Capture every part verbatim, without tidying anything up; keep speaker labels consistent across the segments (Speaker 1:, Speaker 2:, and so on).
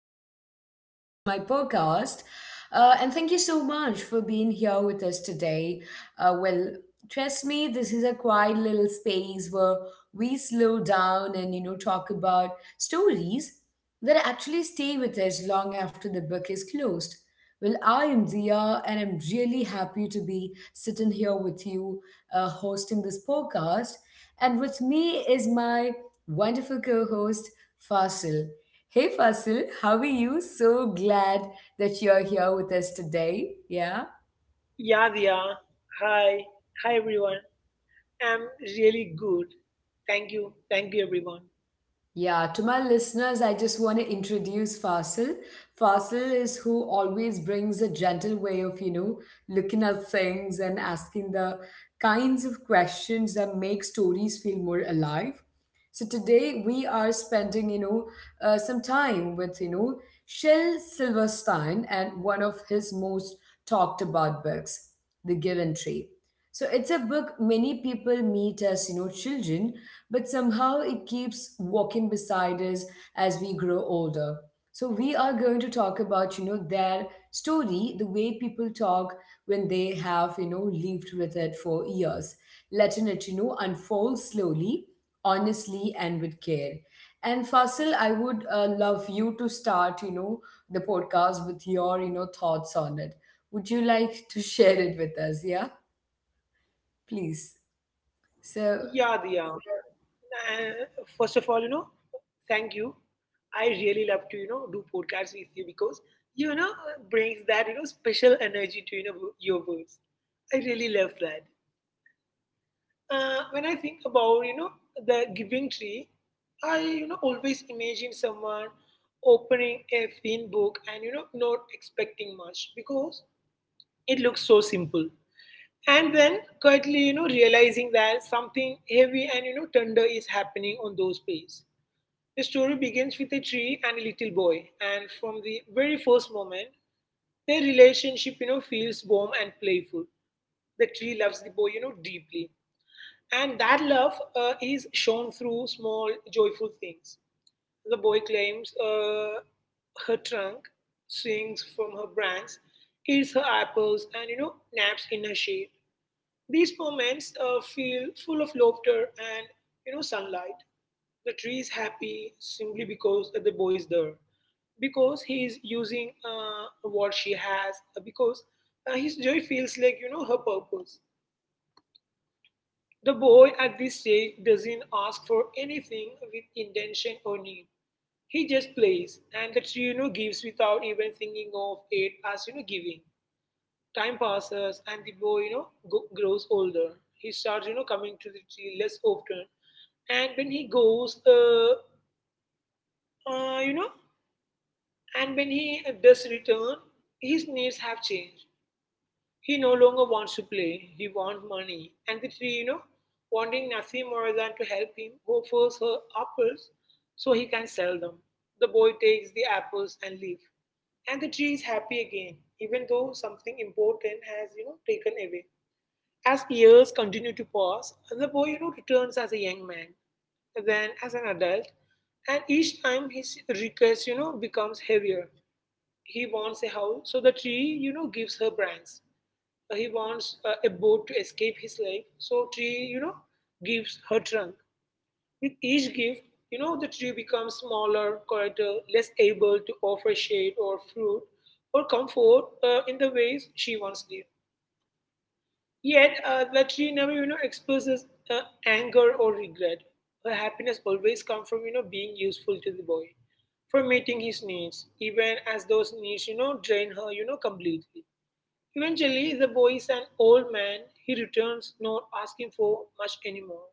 Speaker 1: and welcome back to my podcast. Uh, and thank you so much for being here with us today. Uh, well, Trust me, this is a quiet little space where we slow down and you know talk about stories that actually stay with us long after the book is closed. Well, I am Dia, and I'm really happy to be sitting here with you, uh, hosting this podcast. And with me is my wonderful co-host. Fasil. Hey Fasil, how are you? So glad that you're here with us today. Yeah.
Speaker 2: Yadya, hi, hi everyone. I'm really good. Thank you, thank you everyone.
Speaker 1: Yeah, to my listeners, I just want to introduce Fasil. Fasil is who always brings a gentle way of, you know, looking at things and asking the kinds of questions that make stories feel more alive. So today we are spending, you know, uh, some time with, you know, Shel Silverstein and one of his most talked about books, The Given Tree. So it's a book many people meet as, you know, children, but somehow it keeps walking beside us as we grow older. So we are going to talk about, you know, their story, the way people talk when they have, you know, lived with it for years, letting it, you know, unfold slowly, honestly, and with care. And Fasil, I would uh, love you to start, you know, the podcast with your, you know, thoughts on it. Would you like to share it with us? Yeah. Please. So,
Speaker 2: Yadya, uh, first of all, you know, thank you. I really love to you know do podcasts with you because you know brings that you know special energy to you know your words. I really love that. Uh, when I think about you know the giving tree, I you know always imagine someone opening a thin book and you know not expecting much because. It looks so simple. And then quietly, you know, realizing that something heavy and, you know, tender is happening on those pages. The story begins with a tree and a little boy. And from the very first moment, their relationship, you know, feels warm and playful. The tree loves the boy, you know, deeply. And that love uh, is shown through small, joyful things. The boy claims, uh, her trunk, swings from her branches, eats her apples, and you know naps in her shade. These moments uh, feel full of laughter and you know sunlight. The tree is happy simply because the boy is there, because he is using uh, what she has, because uh, his joy feels like you know her purpose. The boy at this stage doesn't ask for anything with intention or need. He just plays, and the tree you know gives without even thinking of it as you know giving. Time passes, and the boy you know go- grows older. He starts you know coming to the tree less often, and when he goes, uh, uh, you know, and when he does return, his needs have changed. He no longer wants to play, he wants money. And the tree, you know, wanting nothing more than to help him, offers her apples so he can sell them. The boy takes the apples and leaves. And the tree is happy again, even though something important has, you know, taken away. As years continue to pass, the boy, you know, returns as a young man, then as an adult, and each time his request, you know, becomes heavier. He wants a house, so the tree, you know, gives her branches. Uh, He wants uh, a boat to escape his life, so tree, you know, gives her trunk. With each gift, you know, the tree becomes smaller, quieter, less able to offer shade or fruit or comfort uh, in the ways she once did. Yet, uh, the tree never, you know, expresses uh, anger or regret. Her happiness always comes from, you know, being useful to the boy, from meeting his needs, even as those needs, you know, drain her, you know, completely. Eventually, the boy is an old man. He returns, not asking for much anymore.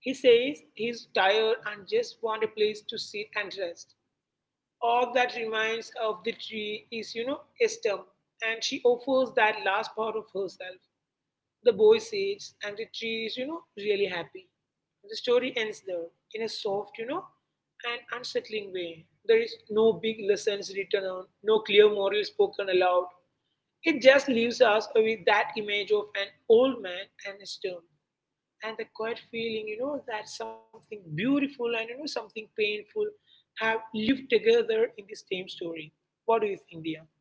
Speaker 2: He says he's tired and just wants a place to sit and rest. All that remains of the tree is, you know, a stump, and she offers that last part of herself. The boy sits, and the tree is, you know, really happy. The story ends there in a soft, you know, and unsettling way. There is no big lessons written on, no clear moral spoken aloud, it just leaves us with that image of an old man and a stone, and the quiet feeling, you know, that something beautiful and you know something painful have lived together in the same story. What do you think, Dia?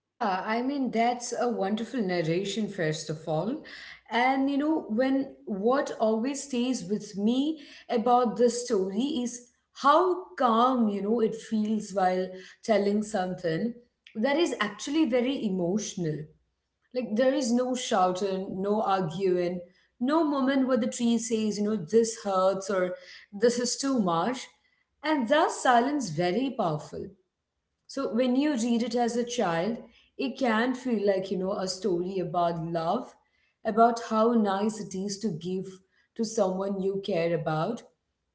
Speaker 1: yeah, I mean, that's a wonderful narration, first of all. And, you know, when what always stays with me about this story is how calm, you know, it feels while telling something that is actually very emotional. Like, there is no shouting, no arguing, no moment where the tree says, you know, this hurts or this is too much. And thus, silence very powerful. So when you read it as a child, it can feel like, you know, a story about love, about how nice it is to give to someone you care about.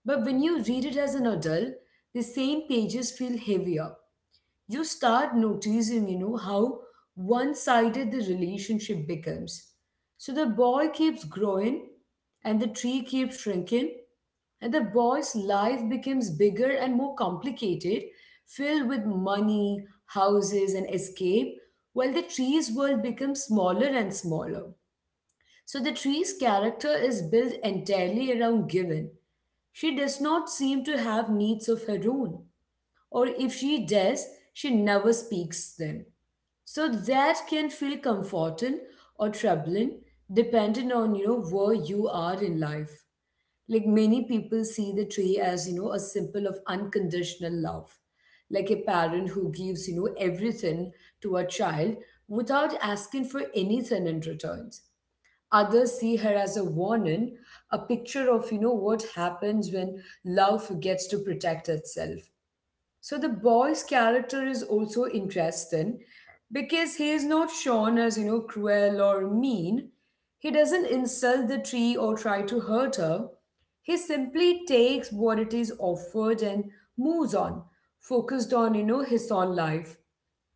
Speaker 1: But when you read it as an adult, the same pages feel heavier. You start noticing, you know, how one sided the relationship becomes. So the boy keeps growing and the tree keeps shrinking, and the boy's life becomes bigger and more complicated, filled with money, houses, and escape, while the tree's world becomes smaller and smaller. So the tree's character is built entirely around Given. She does not seem to have needs of her own, or if she does, she never speaks them. So that can feel comforting or troubling depending on you know where you are in life. Like, many people see the tree as you know a symbol of unconditional love, like a parent who gives you know everything to a child without asking for anything in return. Others see her as a warning, a picture of you know what happens when love forgets to protect itself. So the boy's character is also interesting because he is not shown as, you know, cruel or mean. He doesn't insult the tree or try to hurt her. He simply takes what it is offered and moves on, focused on, you know, his own life.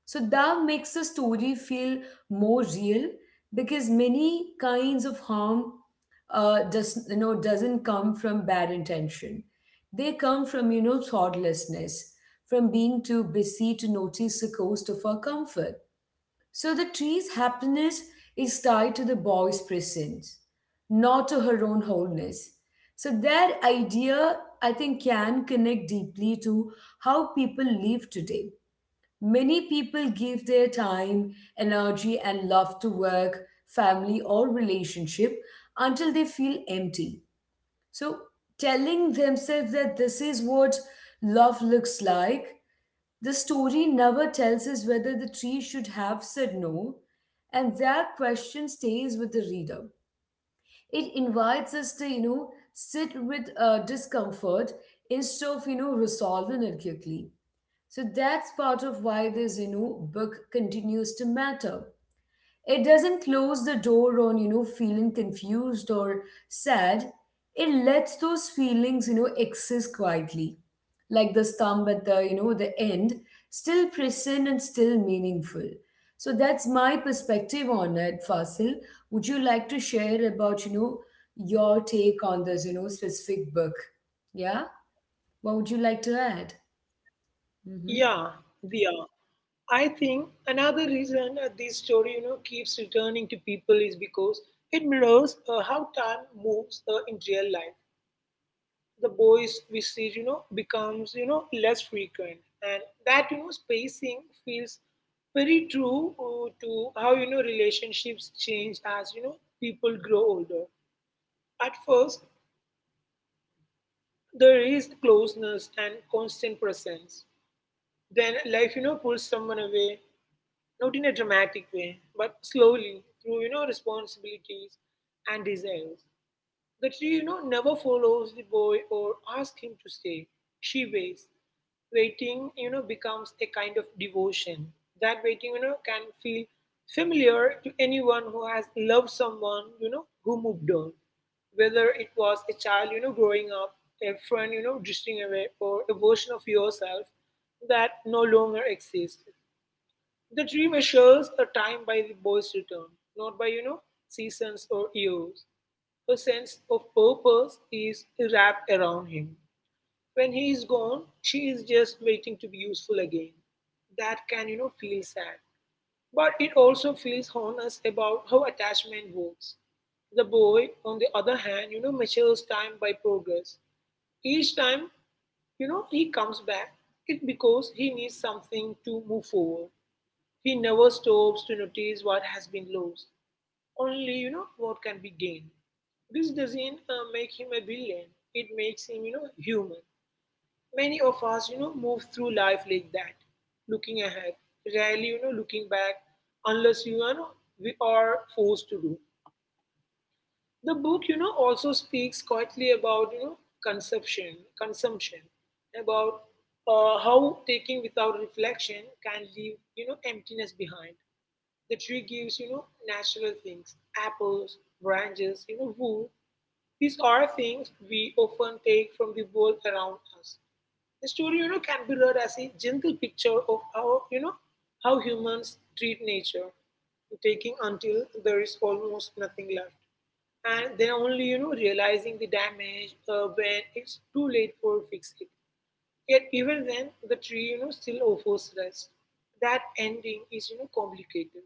Speaker 1: So that makes the story feel more real because many kinds of harm uh, does you know doesn't come from bad intention. They come from you know thoughtlessness, from being too busy to notice the cost of our comfort. So the tree's happiness is tied to the boy's presence, not to her own wholeness. So that idea, I think, can connect deeply to how people live today. Many people give their time, energy, and love to work, family, or relationship until they feel empty. So, telling themselves that this is what love looks like, the story never tells us whether the tree should have said no, and that question stays with the reader. It invites us to, you know, sit with uh, discomfort instead of, you know, resolving it quickly. So that's part of why the Zeno book continues to matter. It doesn't close the door on, you know, feeling confused or sad. It lets those feelings, you know, exist quietly. Like the stump at the, you know, the end, still present and still meaningful. So that's my perspective on it, Fasil. Would you like to share about, you know, your take on this, you know, specific book? Yeah? What would you like to add?
Speaker 2: Yeah,
Speaker 1: Mm-hmm.
Speaker 2: Dia. I think another reason uh, this story, you know, keeps returning to people is because it mirrors uh, how time moves uh, in real life. The boys visit you know becomes you know less frequent, and that you know spacing feels very true uh, to how you know relationships change as you know people grow older. At first, there is closeness and constant presence. Then life you know pulls someone away, not in a dramatic way but slowly, through you know responsibilities and desires. The tree, you know, never follows the boy or asks him to stay. She waits. Waiting, you know, becomes a kind of devotion. That waiting, you know, can feel familiar to anyone who has loved someone, you know, who moved on. Whether it was a child, you know, growing up, a friend, you know, drifting away, or a version of yourself that no longer exists. The tree measures the time by the boy's return, not by, you know, seasons or years. Her sense of purpose is wrapped around him. When he is gone, she is just waiting to be useful again. That can, you know, feel sad. But it also feels honest about how attachment works. The boy, on the other hand, you know, measures time by progress. Each time, you know, he comes back, it's because he needs something to move forward. He never stops to notice what has been lost, only you know what can be gained. This doesn't uh, make him a villain. It makes him you know human. Many of us you know move through life like that, looking ahead, rarely you know looking back, unless you know we are forced to do. The book you know also speaks quietly about you know consumption, consumption, about uh, how taking without reflection can leave you know emptiness behind. The tree gives, you know, natural things: apples, branches, you know, wood. These are things we often take from the world around us. The story, you know, can be read as a gentle picture of how, you know, how humans treat nature, taking until there is almost nothing left. And then only, you know, realizing the damage uh, when it's too late for fix it. Yet even then, the tree, you know, still offers rest. That ending is, you know, complicated.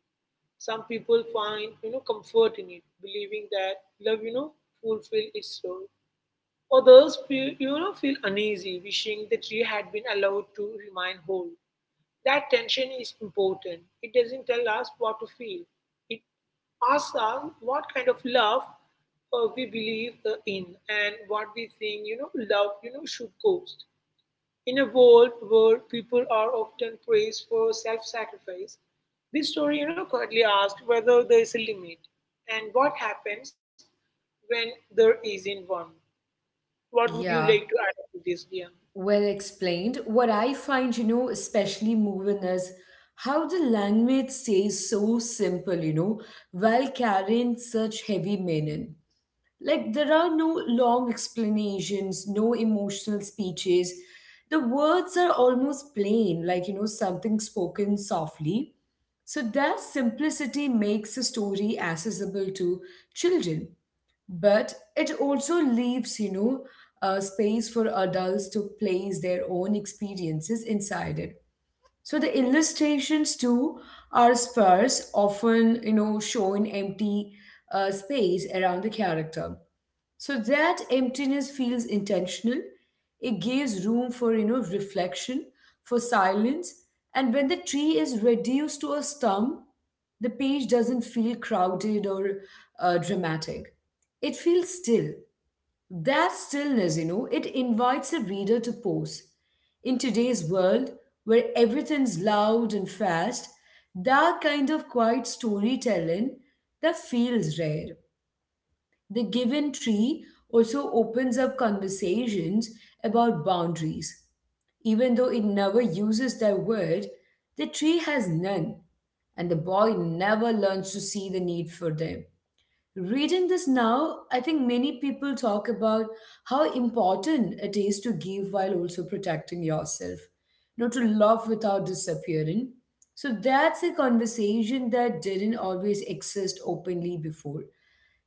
Speaker 2: Some people find, you know, comfort in it, believing that love, you know, fulfill its role. Others feel, you know, feel uneasy, wishing the tree had been allowed to remain whole. That tension is important. It doesn't tell us what to feel. It asks us what kind of love uh, we believe uh, in, and what we think, you know, love, you know, should cost. In a world where people are often praised for self-sacrifice, this story, you know, quietly asks whether there is a limit and what happens when there isn't one. What would you like
Speaker 1: Yeah.
Speaker 2: to add to this, dear?
Speaker 1: Well explained. What I find, you know, especially moving is how the language stays so simple, you know, while carrying such heavy meaning. Like, there are no long explanations, no emotional speeches. The words are almost plain, like, you know, something spoken softly. So their simplicity makes the story accessible to children, but it also leaves you know a space for adults to place their own experiences inside it. So the illustrations too are sparse, often you know showing empty uh, space around the character. So that emptiness feels intentional. It gives room for you know reflection, for silence, and when the tree is reduced to a stump, the page doesn't feel crowded or uh, dramatic. It feels still. That stillness, you know, it invites a reader to pause. In today's world, where everything's loud and fast, that kind of quiet storytelling that feels rare. The given tree also opens up conversations about boundaries. Even though it never uses that word, the tree has none, and the boy never learns to see the need for them. Reading this now, I think many people talk about how important it is to give while also protecting yourself, not to love without disappearing. So that's a conversation that didn't always exist openly before.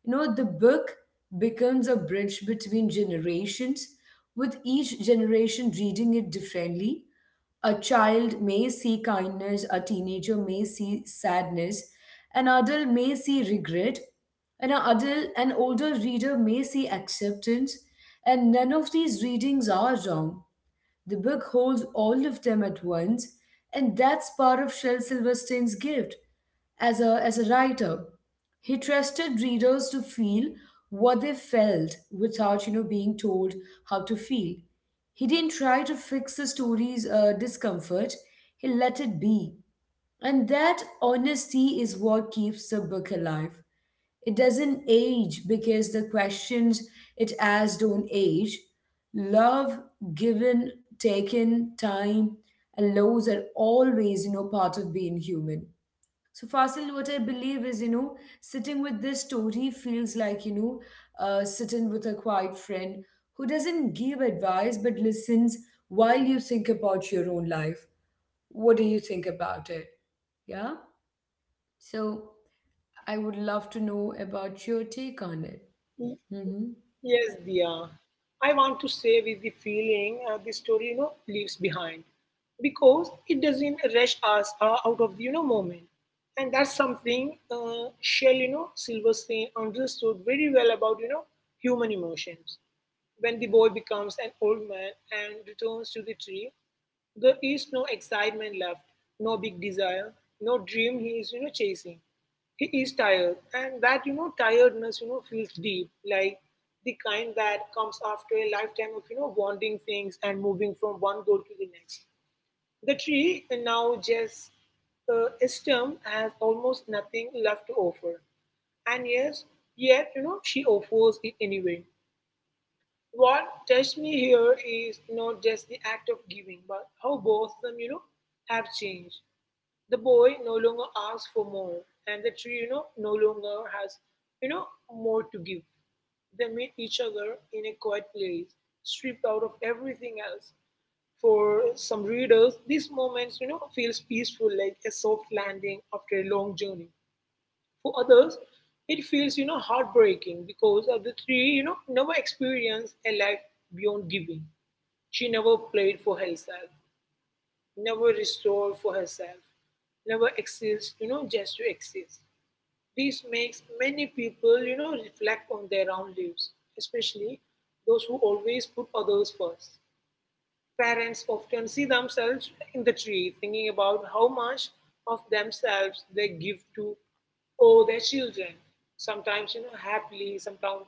Speaker 1: You know, the book becomes a bridge between generations, with each generation reading it differently. A child may see kindness, a teenager may see sadness, an adult may see regret, and an adult, an older reader may see acceptance, and none of these readings are wrong. The book holds all of them at once, and that's part of Shel Silverstein's gift as a, as a writer. He trusted readers to feel what they felt without, you know, being told how to feel. He didn't try to fix the story's uh, discomfort. He let it be. And that honesty is what keeps the book alive. It doesn't age because the questions it asks don't age. Love, given, taken, time, and lows are always, you know, part of being human. So, Fasil, what I believe is, you know, sitting with this story feels like, you know, uh, sitting with a quiet friend who doesn't give advice but listens while you think about your own life. What do you think about it? Yeah? So, I would love to know about your take on it.
Speaker 2: Yes,
Speaker 1: Mm-hmm.
Speaker 2: Dia. I want to say with the feeling uh, the story, you know, leaves behind because it doesn't rush us uh, out of the, you know, moment. And that's something uh, Shell, you know, Silverstein understood very well about, you know, human emotions. When the boy becomes an old man and returns to the tree, there is no excitement left, no big desire, no dream he is, you know, chasing. He is tired, and that you know tiredness you know feels deep, like the kind that comes after a lifetime of you know wanting things and moving from one goal to the next. The tree now just uh, a stem has almost nothing left to offer, and yes, yet, you know she offers it anyway. What touched me here is not just the act of giving, but how both them, you know, have changed. The boy no longer asks for more, and the tree, you know, no longer has, you know, more to give. They meet each other in a quiet place, stripped out of everything else. For some readers, these moments, you know, feels peaceful, like a soft landing after a long journey. For others, it feels, you know, heartbreaking because of the three, you know, never experienced a life beyond giving. She never played for herself, never restored for herself, never exists, you know, just to exist. This makes many people, you know, reflect on their own lives, especially those who always put others first. Parents often see themselves in the tree, thinking about how much of themselves they give to or their children, sometimes you know happily, sometimes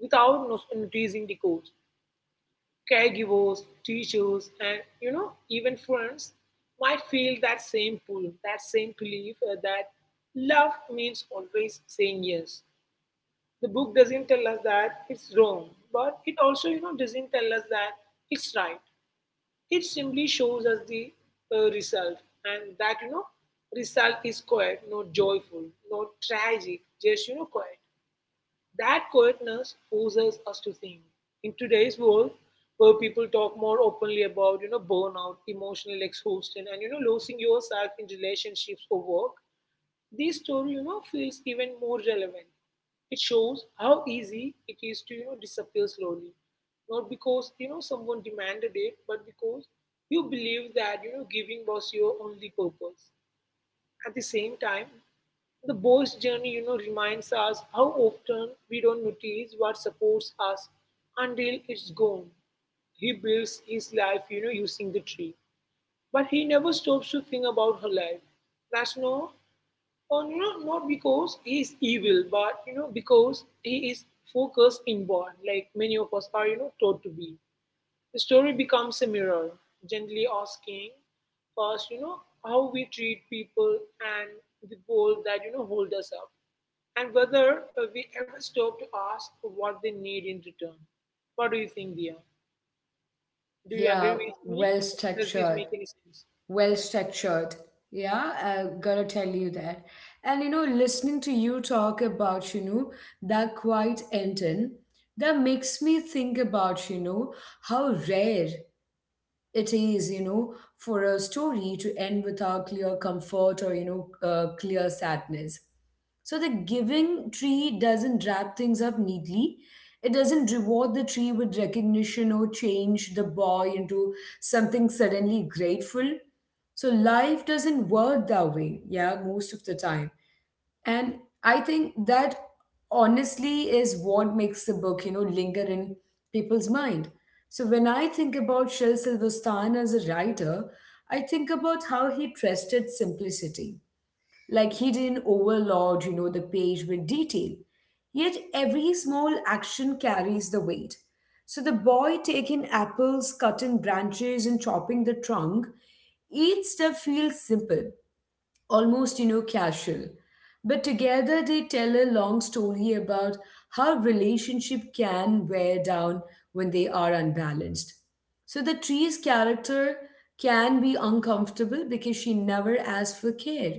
Speaker 2: without no- noticing the cost. Caregivers, teachers, and you know even friends might feel that same pull, that same belief uh, that love means always saying yes. The book doesn't tell us that it's wrong, but it also you know doesn't tell us that it's right. It simply shows us the uh, result, and that you know result is quiet, not joyful, not tragic, just you know quiet. That quietness forces us to think. In today's world, where people talk more openly about you know burnout, emotional exhaustion, and you know losing yourself in relationships or work, this story you know feels even more relevant. It shows how easy it is to you know disappear slowly, not because you know someone demanded it, but because you believe that you know giving was your only purpose. At the same time, the boy's journey you know reminds us how often we don't notice what supports us until it's gone. He builds his life, you know using the tree, but he never stops to think about her life. That's no. And you know, not because he is evil, but you know, because he is focused inward, like many of us are, you know, taught to be. The story becomes a mirror, gently asking first, you know, how we treat people and the world that you know hold us up, and whether uh, we ever stop to ask what they need in return. What do you think, Dia? Do you agree
Speaker 1: Yeah,
Speaker 2: with me?
Speaker 1: well
Speaker 2: Does this make
Speaker 1: structured,
Speaker 2: any sense?
Speaker 1: well
Speaker 2: Yeah.
Speaker 1: structured. Yeah, I gotta tell you that. And you know, listening to you talk about, you know, that quiet ending, that makes me think about, you know, how rare it is, you know, for a story to end without clear comfort or, you know, uh, clear sadness. So the giving tree doesn't wrap things up neatly. It doesn't reward the tree with recognition or change the boy into something suddenly grateful. So life doesn't work that way, yeah, most of the time. And I think that honestly is what makes the book, you know, linger in people's mind. So when I think about Shel Silverstein as a writer, I think about how he trusted simplicity. Like, he didn't overload, you know, the page with detail. Yet every small action carries the weight. So the boy taking apples, cutting branches, and chopping the trunk, each step feels simple, almost you know casual, but together they tell a long story about how relationship can wear down when they are unbalanced. So the tree's character can be uncomfortable because she never asks for care.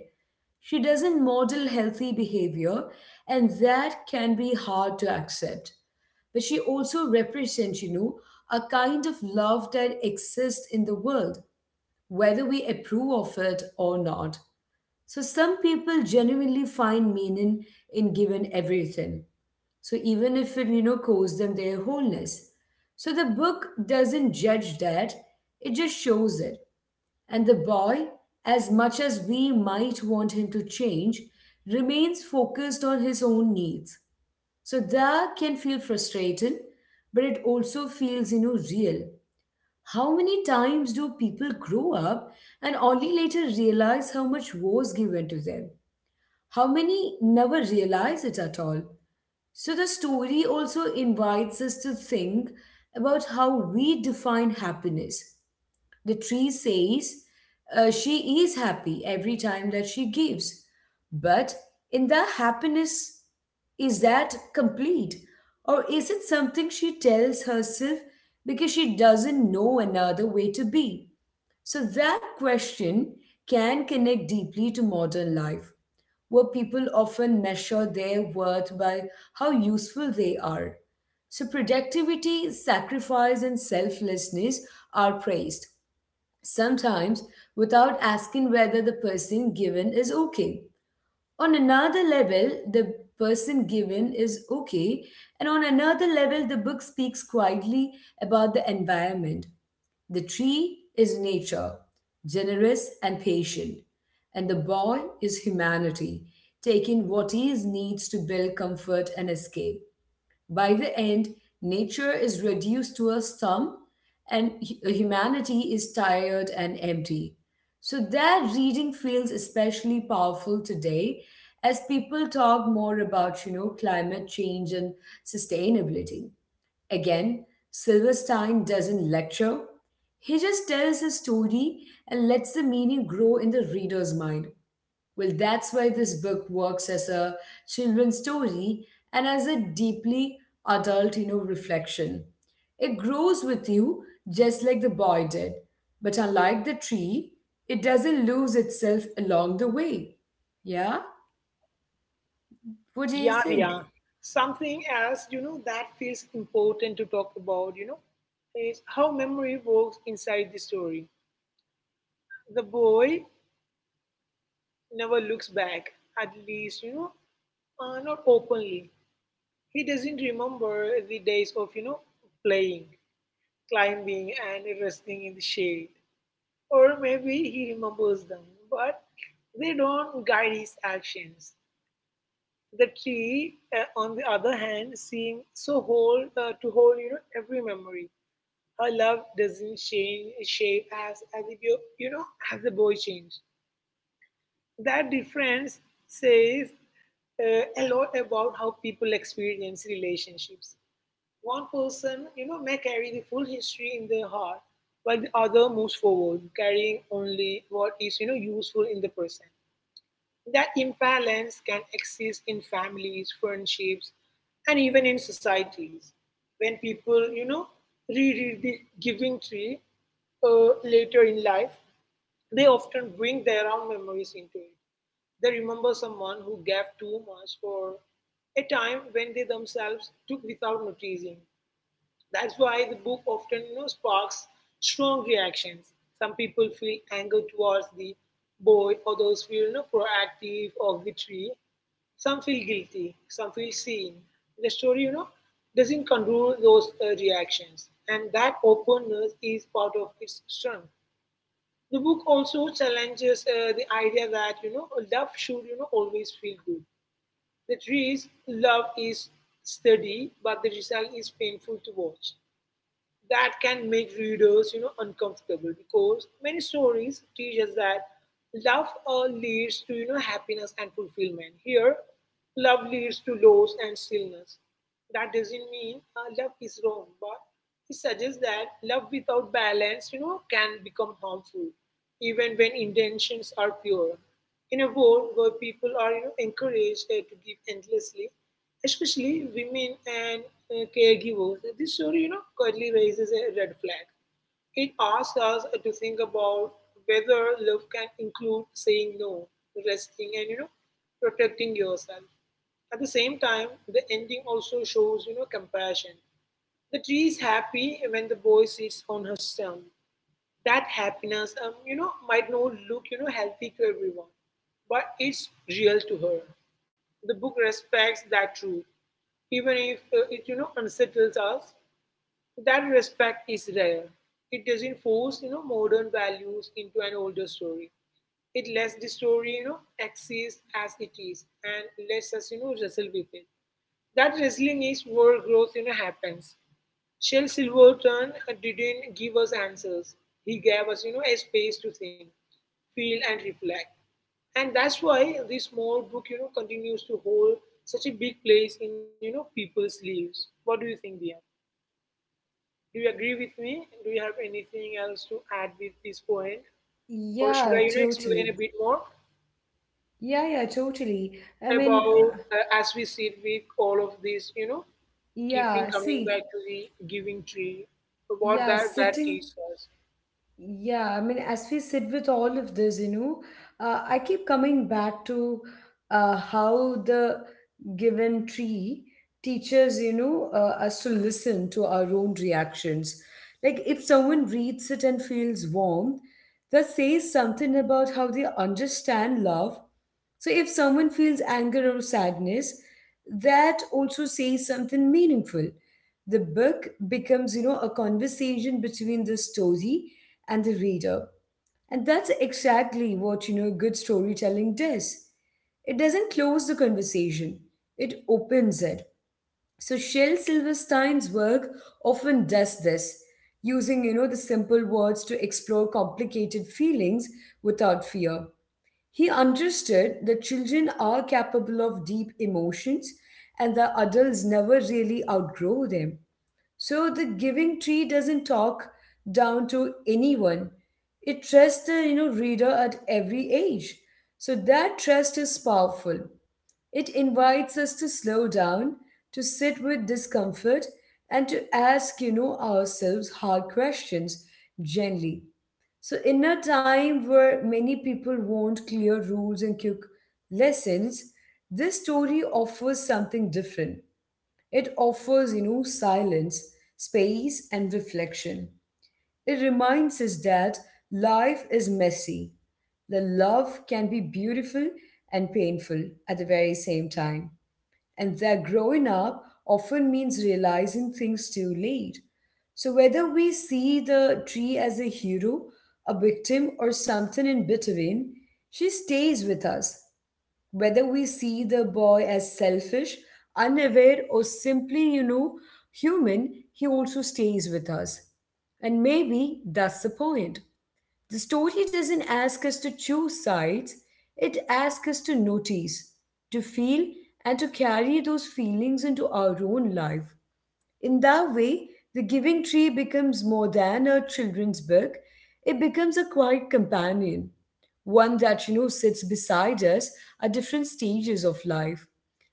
Speaker 1: She doesn't model healthy behavior, and that can be hard to accept, but she also represents you know a kind of love that exists in the world, whether we approve of it or not. So some people genuinely find meaning in giving everything. So even if it, you know, costs them their wholeness. So the book doesn't judge that, it just shows it. And the boy, as much as we might want him to change, remains focused on his own needs. So that can feel frustrating, but it also feels, you know, real. How many times do people grow up and only later realize how much was given to them? How many never realize it at all? So the story also invites us to think about how we define happiness. The tree says uh, she is happy every time that she gives. But in the happiness, is that complete? Or is it something she tells herself because she doesn't know another way to be? So that question can connect deeply to modern life where people often measure their worth by how useful they are. So, productivity, sacrifice, and selflessness are praised, sometimes without asking whether the person given is okay. On another level, the person given is okay, and on another level, the book speaks quietly about the environment. The tree is nature, generous and patient, and the boy is humanity, taking what he needs to build comfort and escape. By the end, nature is reduced to a stump and hu- humanity is tired and empty. So that reading feels especially powerful today as people talk more about, you know, climate change and sustainability. Again, Silverstein doesn't lecture, he just tells a story and lets the meaning grow in the reader's mind. Well, that's why this book works as a children's story and as a deeply adult, you know, reflection. It grows with you just like the boy did, but unlike the tree, it doesn't lose itself along the way. Yeah? What do you
Speaker 2: Yeah, yeah.
Speaker 1: think?
Speaker 2: Something else, you know, that feels important to talk about, you know, is how memory works inside the story. The boy never looks back, at least, you know, uh, not openly. He doesn't remember the days of, you know, playing, climbing, and resting in the shade. Or maybe he remembers them, but they don't guide his actions. The tree, uh, on the other hand, seemed so whole uh, to hold, you know, every memory. Her love doesn't change shape, as as if you you know as the boy changed. That difference says uh, a lot about how people experience relationships. One person, you know, may carry the full history in their heart, while the other moves forward, carrying only what is you know useful in the present. That imbalance can exist in families, friendships, and even in societies. When people, you know, reread the Giving Tree uh, later in life, they often bring their own memories into it. They remember someone who gave too much, or a time when they themselves took without noticing. That's why the book often you know, sparks strong reactions. Some people feel anger towards the boy; others feel, you know, proactive of the tree. Some feel guilty, some feel seen. The story, you know, doesn't control those uh, reactions, and that openness is part of its strength. The book also challenges uh, the idea that you know love should you know always feel good. The tree's love is steady, but the result is painful to watch. That can make readers you know uncomfortable, because many stories teach us that love uh, leads to you know happiness and fulfillment. Here love leads to loss and stillness. That doesn't mean uh, love is wrong, but it suggests that love without balance you know can become harmful, even when intentions are pure. In a world where people are you know encouraged uh, to give endlessly, especially women and uh, caregivers, this story, you know, quietly raises a red flag. It asks us to think about whether love can include saying no, resting, and you know, protecting yourself. At the same time, the ending also shows, you know, compassion. The tree is happy when the boy sits on her stump. That happiness um, you know might not look you know healthy to everyone, but it's real to her. The book respects that truth, even if uh, it you know unsettles us. That respect is rare. It doesn't force you know modern values into an older story. It lets the story you know exist as it is, and lets us you know wrestle with it. That wrestling is where growth you know happens. Shel Silverton uh, didn't give us answers. He gave us, you know, a space to think, feel, and reflect. And that's why this small book, you know, continues to hold such a big place in, you know, people's lives. What do you think, Dia? Do you agree with me? Do you have anything else to add with this point? Or should I,
Speaker 1: Yeah,
Speaker 2: you know, explain a
Speaker 1: totally.
Speaker 2: bit more
Speaker 1: Yeah, yeah, totally. I mean,
Speaker 2: about
Speaker 1: uh,
Speaker 2: uh, as we sit with all of this, you know, keeping
Speaker 1: yeah,
Speaker 2: coming
Speaker 1: see,
Speaker 2: back to the giving tree, what
Speaker 1: yeah,
Speaker 2: that that
Speaker 1: sitting.
Speaker 2: teaches us?
Speaker 1: Yeah, I mean, as we sit with all of this, you know, uh, I keep coming back to uh, how the given tree teaches, you know, uh, us to listen to our own reactions. Like, if someone reads it and feels warm, that says something about how they understand love. So, if someone feels anger or sadness, that also says something meaningful. The book becomes, you know a conversation between the story and the reader, and that's exactly what, you know good storytelling does. It doesn't close the conversation, it opens it. So Shel Silverstein's work often does this, using, you know the simple words to explore complicated feelings without fear. He understood that children are capable of deep emotions, and that adults never really outgrow them. So the Giving Tree doesn't talk down to anyone. It trusts the, you know reader at every age. So that trust is powerful. It invites us to slow down, to sit with discomfort, and to ask, you know, ourselves hard questions gently. So in a time where many people want clear rules and quick lessons, this story offers something different. It offers, you know, silence, space, and reflection. It reminds us that life is messy. The love can be beautiful and painful at the very same time. And that growing up often means realizing things too late. So, whether we see the tree as a hero, a victim, or something in between, she stays with us. Whether we see the boy as selfish, unaware, or simply, you know, human, he also stays with us. And maybe that's the point. The story doesn't ask us to choose sides, it asks us to notice, to feel, and to carry those feelings into our own life. In that way, The Giving Tree becomes more than a children's book. It becomes a quiet companion, one that, you know, sits beside us at different stages of life,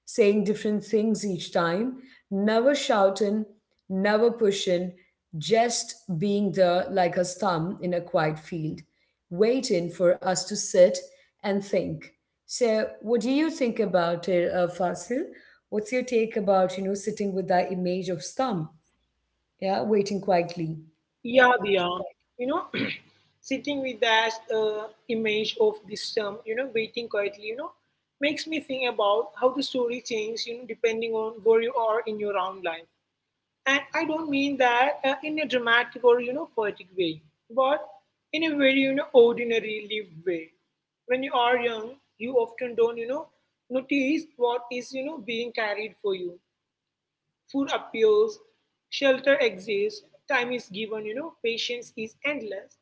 Speaker 1: saying different things each time, never shouting, never pushing, just being there like a stump in a quiet field, waiting for us to sit and think. So, what do you think about it, uh, Fasil? What's your take about, you know sitting with that image of stump, yeah, waiting quietly?
Speaker 2: Yeah, Diya. You know, Sitting with that uh, image of this term, you know, waiting quietly, you know, makes me think about how the story changes, you know, depending on where you are in your own life. And I don't mean that uh, in a dramatic or, you know, poetic way, but in a very, you know, ordinary lived way. When you are young, you often don't, you know, notice what is, you know, being carried for you. Food appears, shelter exists, time is given, you know, patience is endless.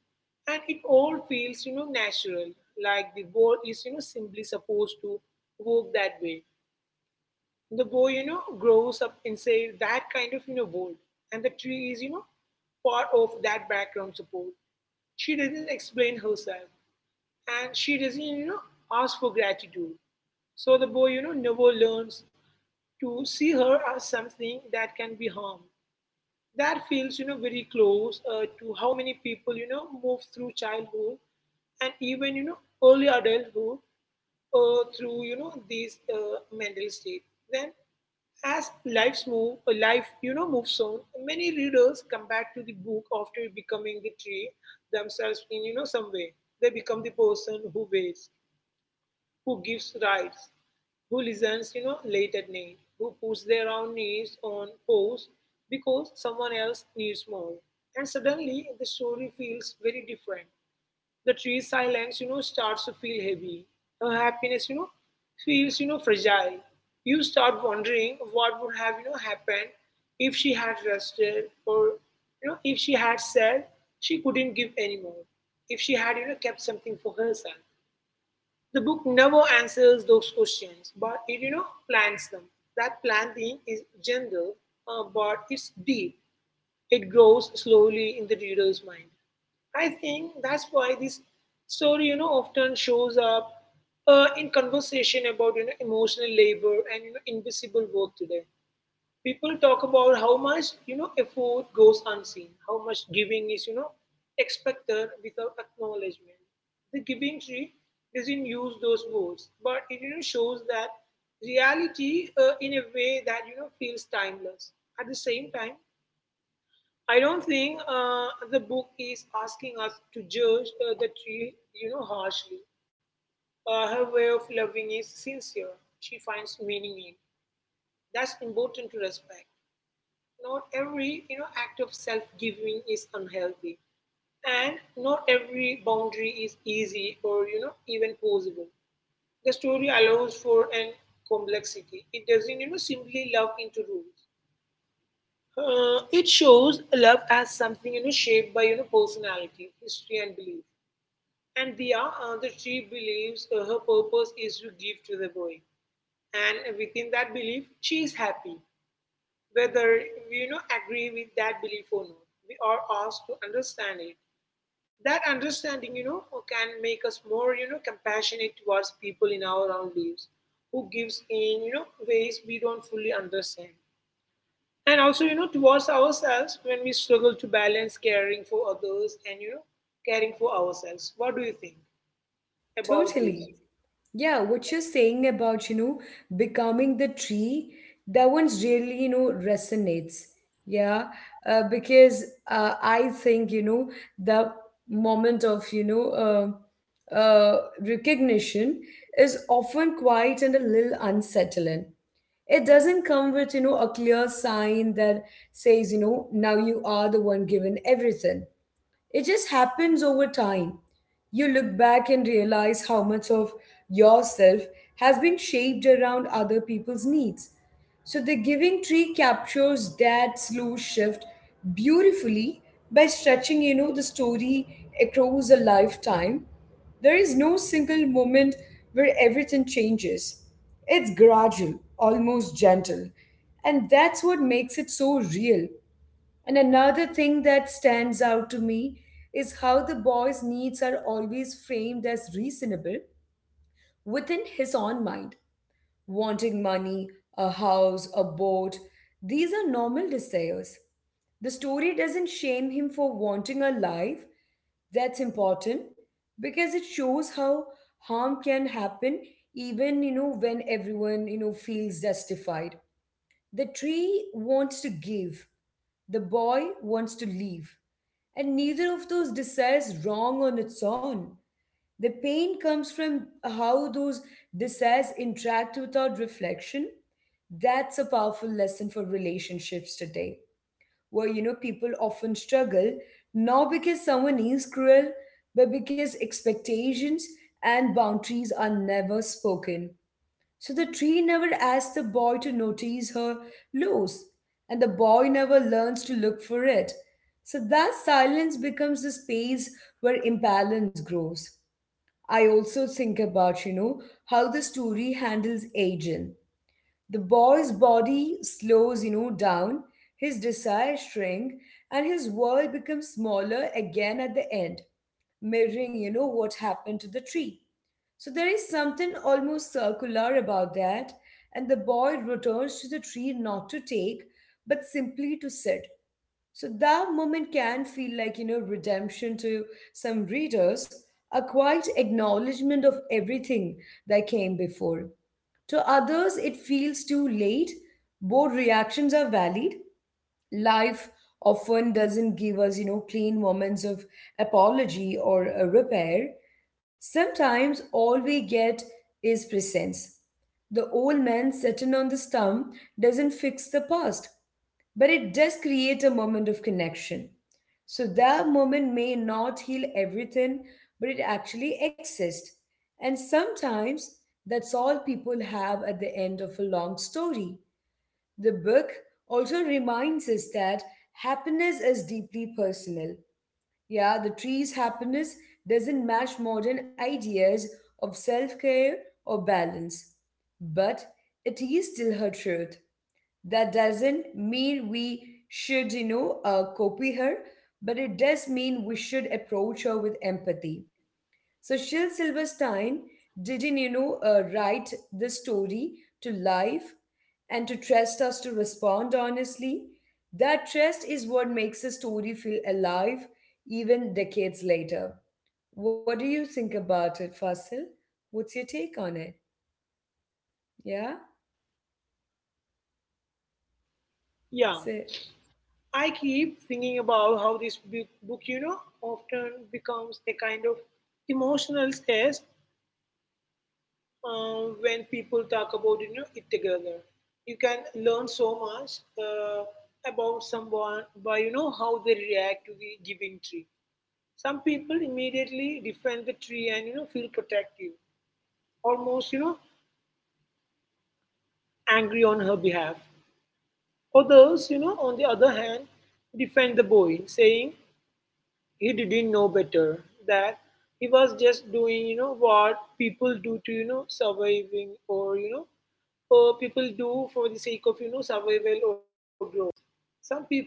Speaker 2: And it all feels, you know, natural, like the world is, you know, simply supposed to work that way. The boy, you know, grows up inside that kind of, you know, world. And the tree is, you know, part of that background support. She doesn't explain herself. And she doesn't, you know, ask for gratitude. So the boy, you know, never learns to see her as something that can be harmed. That feels you know very close uh, to how many people you know move through childhood and even you know early adulthood, uh, through you know this uh, mental state. Then, as lives move uh, life you know moves on. Many readers come back to the book after becoming the tree themselves in you know some way. They become the person who waits, who gives rides, who listens, you know, late at night, who puts their own needs on pause because someone else needs more. And suddenly the story feels very different. The tree's silence, you know, starts to feel heavy. Her happiness, you know, feels, you know, fragile. You start wondering what would have, you know, happened if she had rested, or, you know, if she had said she couldn't give anymore, if she had, you know, kept something for herself. The book never answers those questions, but it you know plants them. That planting is gentle, uh, but it's deep. It grows slowly in the reader's mind. I think that's why this story you know often shows up uh, in conversation about you know emotional labor and you know invisible work. Today people talk about how much you know effort goes unseen, how much giving is you know expected without acknowledgement. The giving tree doesn't use those words, but it you know shows that reality uh, in a way that you know feels timeless. At the same time, I don't think uh, the book is asking us to judge uh, the tree you know harshly. Uh, her way of loving is sincere. She finds meaning in That's important to respect. Not every you know act of self giving is unhealthy, and not every boundary is easy or you know even possible. The story allows for an complexity. It doesn't you know simply love into rules. Uh, it shows love as something you know shaped by you know personality, history and belief. And the uh, the she believes uh, her purpose is to give to the boy, and within that belief she is happy. Whether we you know agree with that belief or not, we are asked to understand it. That understanding you know can make us more you know compassionate towards people in our own lives, who gives in you know ways we don't fully understand, and also you know towards ourselves when we struggle to balance caring for others and you know caring for ourselves. What do you think about this?
Speaker 1: Totally. Yeah, what you're saying about, you know, becoming the tree, that one's really, you know, resonates. Yeah, uh, because uh, I think, you know, the moment of, you know, uh, uh, recognition is often quiet and a little unsettling. It doesn't come with, you know, a clear sign that says, you know, now you are the one given everything. It just happens over time. You look back and realize how much of yourself has been shaped around other people's needs. So, the Giving Tree captures that slow shift beautifully by stretching, you know, the story across a lifetime. There is no single moment where everything changes. It's gradual, almost gentle. And that's what makes it so real. And another thing that stands out to me is how the boy's needs are always framed as reasonable within his own mind. Wanting money, a house, a boat, these are normal desires. The story doesn't shame him for wanting a life, that's important because it shows how harm can happen even, you know when everyone, you know feels justified. The tree wants to give, the boy wants to leave. And neither of those desires wrong on its own. The pain comes from how those desires interact without reflection. That's a powerful lesson for relationships today, where, you know people often struggle not because someone is cruel, but because expectations and boundaries are never spoken. So the tree never asks the boy to notice her loss, and the boy never learns to look for it. So that silence becomes the space where imbalance grows. I also think about, you know, how the story handles aging. The boy's body slows, you know, down, his desires shrink, and his world becomes smaller again at the end, mirroring, you know, what happened to the tree. So there is something almost circular about that, and the boy returns to the tree not to take, but simply to sit. So that moment can feel like, you know, redemption to some readers, a quiet acknowledgement of everything that came before. To others, it feels too late. Both reactions are valid, life often doesn't give us, you know, clean moments of apology or a repair. Sometimes all we get is presence. The old man sitting on the stump doesn't fix the past, but it does create a moment of connection. So that moment may not heal everything, but it actually exists. And sometimes that's all people have at the end of a long story. The book also reminds us that happiness is deeply personal. Yeah, the tree's happiness doesn't match modern ideas of self care or balance. But it is still her truth. That doesn't mean we should, you know, uh, copy her, but it does mean we should approach her with empathy. So Shel Silverstein didn't, you know, uh, write this story to life and to trust us to respond honestly. That trust is what makes a story feel alive even decades later. What do you think about it, Fasil? What's your take on it? Yeah?
Speaker 2: Yeah.
Speaker 1: So,
Speaker 2: I keep thinking about how this bu- book, you know, often becomes a kind of emotional test uh, when people talk about you know it together. You can learn so much uh, about someone by you know how they react to the giving tree. Some people immediately defend the tree and you know feel protective, almost you know angry on her behalf. Others, you know, on the other hand, defend the boy, saying he didn't know better, that he was just doing you know what people do to you know surviving, or you know or people do for the sake of you know survival or growth. Some people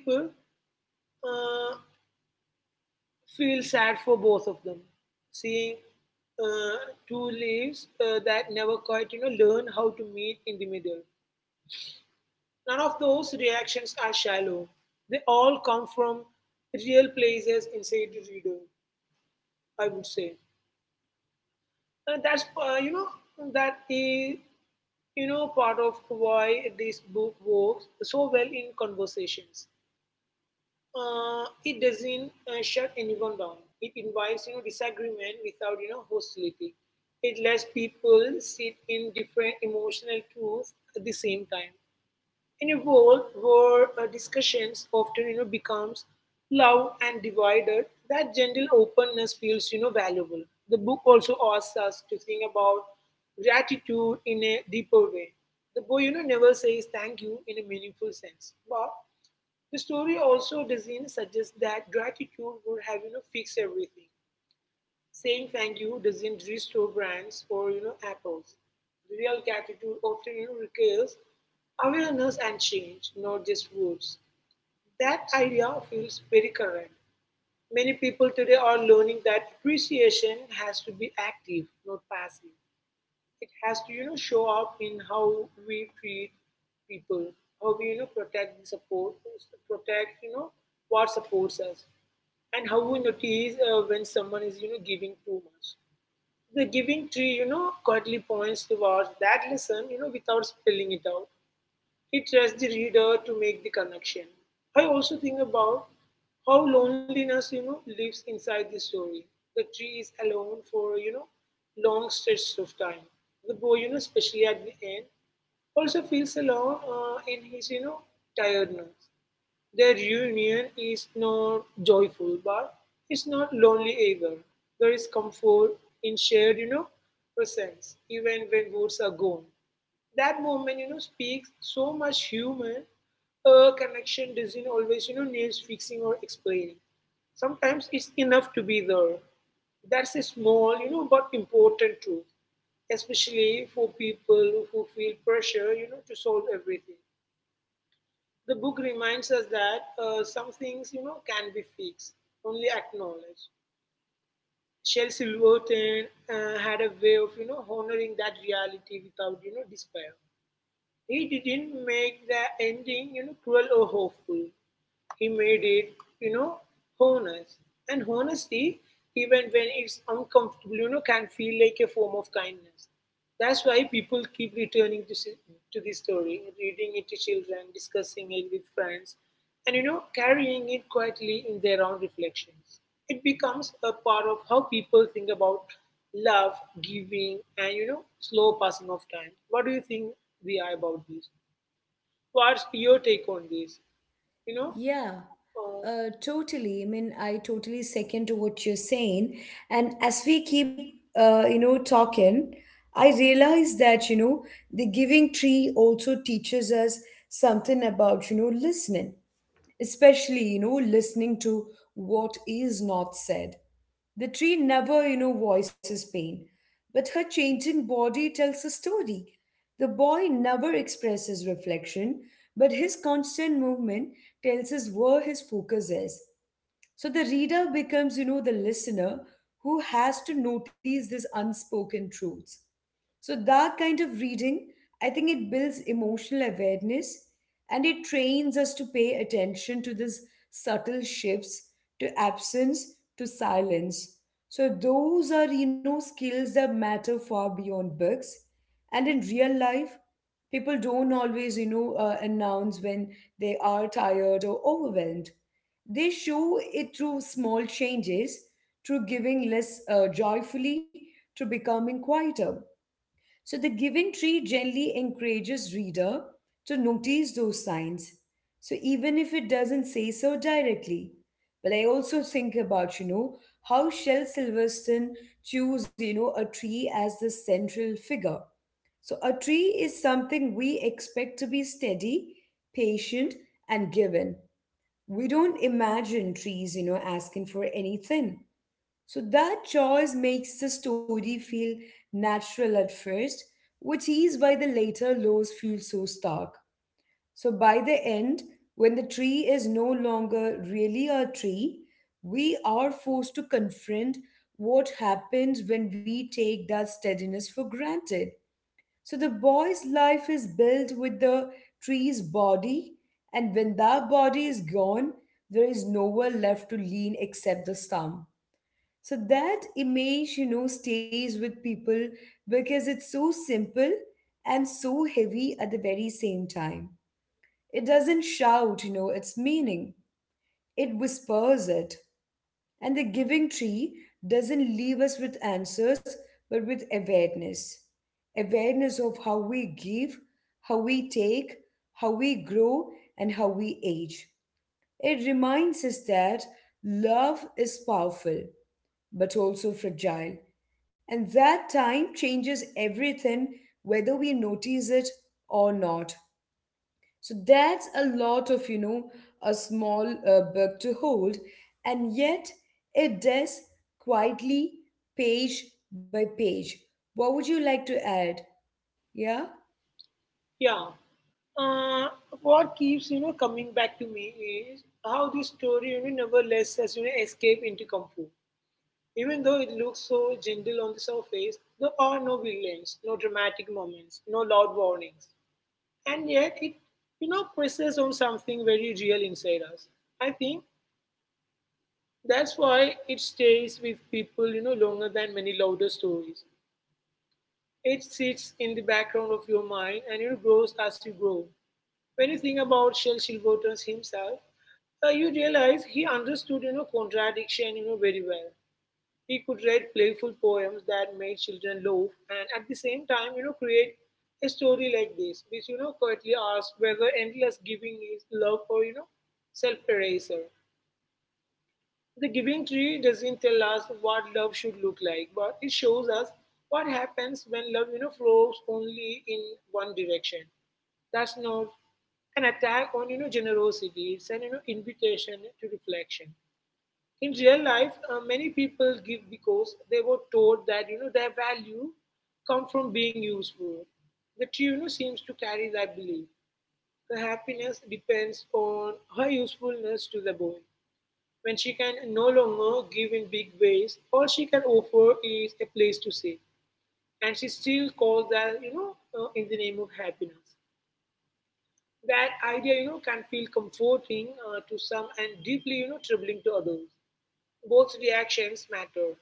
Speaker 2: uh, feel sad for both of them, seeing uh, two leaves uh, that never quite you know learn how to meet in the middle. None of those reactions are shallow; they all come from real places inside the reader, I would say. And that's, uh, you know, that is, you know, part of why this book works so well in conversations. Uh, it doesn't uh, shut anyone down. It invites, you know, disagreement without, you know, hostility. It lets people sit in different emotional truths at the same time. In a world where uh, discussions often, you know, becomes loud and divided, that gentle openness feels, you know, valuable. The book also asks us to think about gratitude in a deeper way. The boy, you know, never says thank you in a meaningful sense, but the story also doesn't suggest that gratitude would have, you know, fixed everything. Saying thank you doesn't restore brands or you know apples. Real gratitude often you know, requires awareness and change, not just words. That idea feels very current. Many people today are learning that appreciation has to be active, not passive. It has to you know show up in how we treat people, how we you know protect and support, protect you know what supports us, and how we notice uh, when someone is you know giving too much. The giving tree, you know, quietly points towards that lesson, you know, without spelling it out. It trusts the reader to make the connection. I also think about how loneliness, you know, lives inside the story. The tree is alone for, you know, long stretches of time. The boy, you know, especially at the end, also feels alone uh, in his, you know, tiredness. Their reunion is not joyful, but it's not lonely either. There is comfort in shared, you know, presence, even when words are gone. That moment, you know, speaks so much human. A connection doesn't always, you know, needs fixing or explaining. Sometimes it's enough to be there. That's a small, you know, but important truth, especially for people who feel pressure, you know, to solve everything. The book reminds us that uh, some things, you know, can be fixed, only acknowledged. Shel Silverton uh, had a way of, you know, honoring that reality without, you know, despair. He didn't make the ending, you know, cruel or hopeful. He made it, you know, honest. And honesty, even when it's uncomfortable, you know, can feel like a form of kindness. That's why people keep returning to, si- to this story, reading it to children, discussing it with friends, and, you know, carrying it quietly in their own reflections. It becomes a part of how people think about love, giving, and you know, slow passing of time. What do you think we are about this? What's your take on this? You know,
Speaker 1: yeah,
Speaker 2: uh,
Speaker 1: uh, totally. I mean, I totally second to what you're saying. And as we keep, uh, you know, talking, I realize that, you know, the Giving Tree also teaches us something about, you know, listening, especially, you know listening to what is not said. The tree never, you know voices pain, but her changing body tells a story. The boy never expresses reflection, but his constant movement tells us where his focus is. So the reader becomes, you know the listener who has to notice these unspoken truths. So that kind of reading, I think it builds emotional awareness, and it trains us to pay attention to these subtle shifts, to absence, to silence. So those are, you know, skills that matter far beyond books. And in real life, people don't always, you know, uh, announce when they are tired or overwhelmed. They show it through small changes, through giving less uh, joyfully, through becoming quieter. So the Giving Tree generally encourages reader to notice those signs, so even if it doesn't say so directly. But I also think about, you know, how Shel Silverstone choose, you know, a tree as the central figure. So a tree is something we expect to be steady, patient, and given. We don't imagine trees, you know, asking for anything. So that choice makes the story feel natural at first, which is why the later laws feel so stark. So by the end, when the tree is no longer really a tree, we are forced to confront what happens when we take that steadiness for granted. So the boy's life is built with the tree's body, and when that body is gone, there is nowhere left to lean except the stump. So that image, you know, stays with people because it's so simple and so heavy at the very same time. It doesn't shout, you know, its meaning, it whispers it. And the Giving Tree doesn't leave us with answers, but with awareness, awareness of how we give, how we take, how we grow, and how we age. It reminds us that love is powerful but also fragile. And that time changes everything, whether we notice it or not. So that's a lot of, you know, a small uh, book to hold, and yet it does quietly, page by page. What would you like to add? Yeah?
Speaker 2: yeah. Uh, what keeps you know coming back to me is how this story you know never lets us you know escape into comfort. Even though it looks so gentle on the surface, there are no villains, no dramatic moments, no loud warnings. And yet it you know presses on something very real inside us. I think that's why it stays with people you know longer than many louder stories. It sits in the background of your mind, and it grows as you grow. When you think about Shell Silverton himself, uh, you realize he understood you know contradiction you know very well. He could write playful poems that made children laugh, and at the same time, you know, create a story like this, which, you know, quietly asks whether endless giving is love, or, you know, self-eraser. The giving tree doesn't tell us what love should look like, but it shows us what happens when love, you know, flows only in one direction. That's not an attack on, you know, generosity. It's an, you know, invitation to reflection. In real life, uh, many people give because they were taught that you know their value come from being useful. The tuna seems to carry that belief. Her happiness depends on her usefulness to the boy. When she can no longer give in big ways, all she can offer is a place to stay, and she still calls that you know uh, in the name of happiness. That idea you know can feel comforting uh, to some and deeply you know troubling to others. Both reactions matter.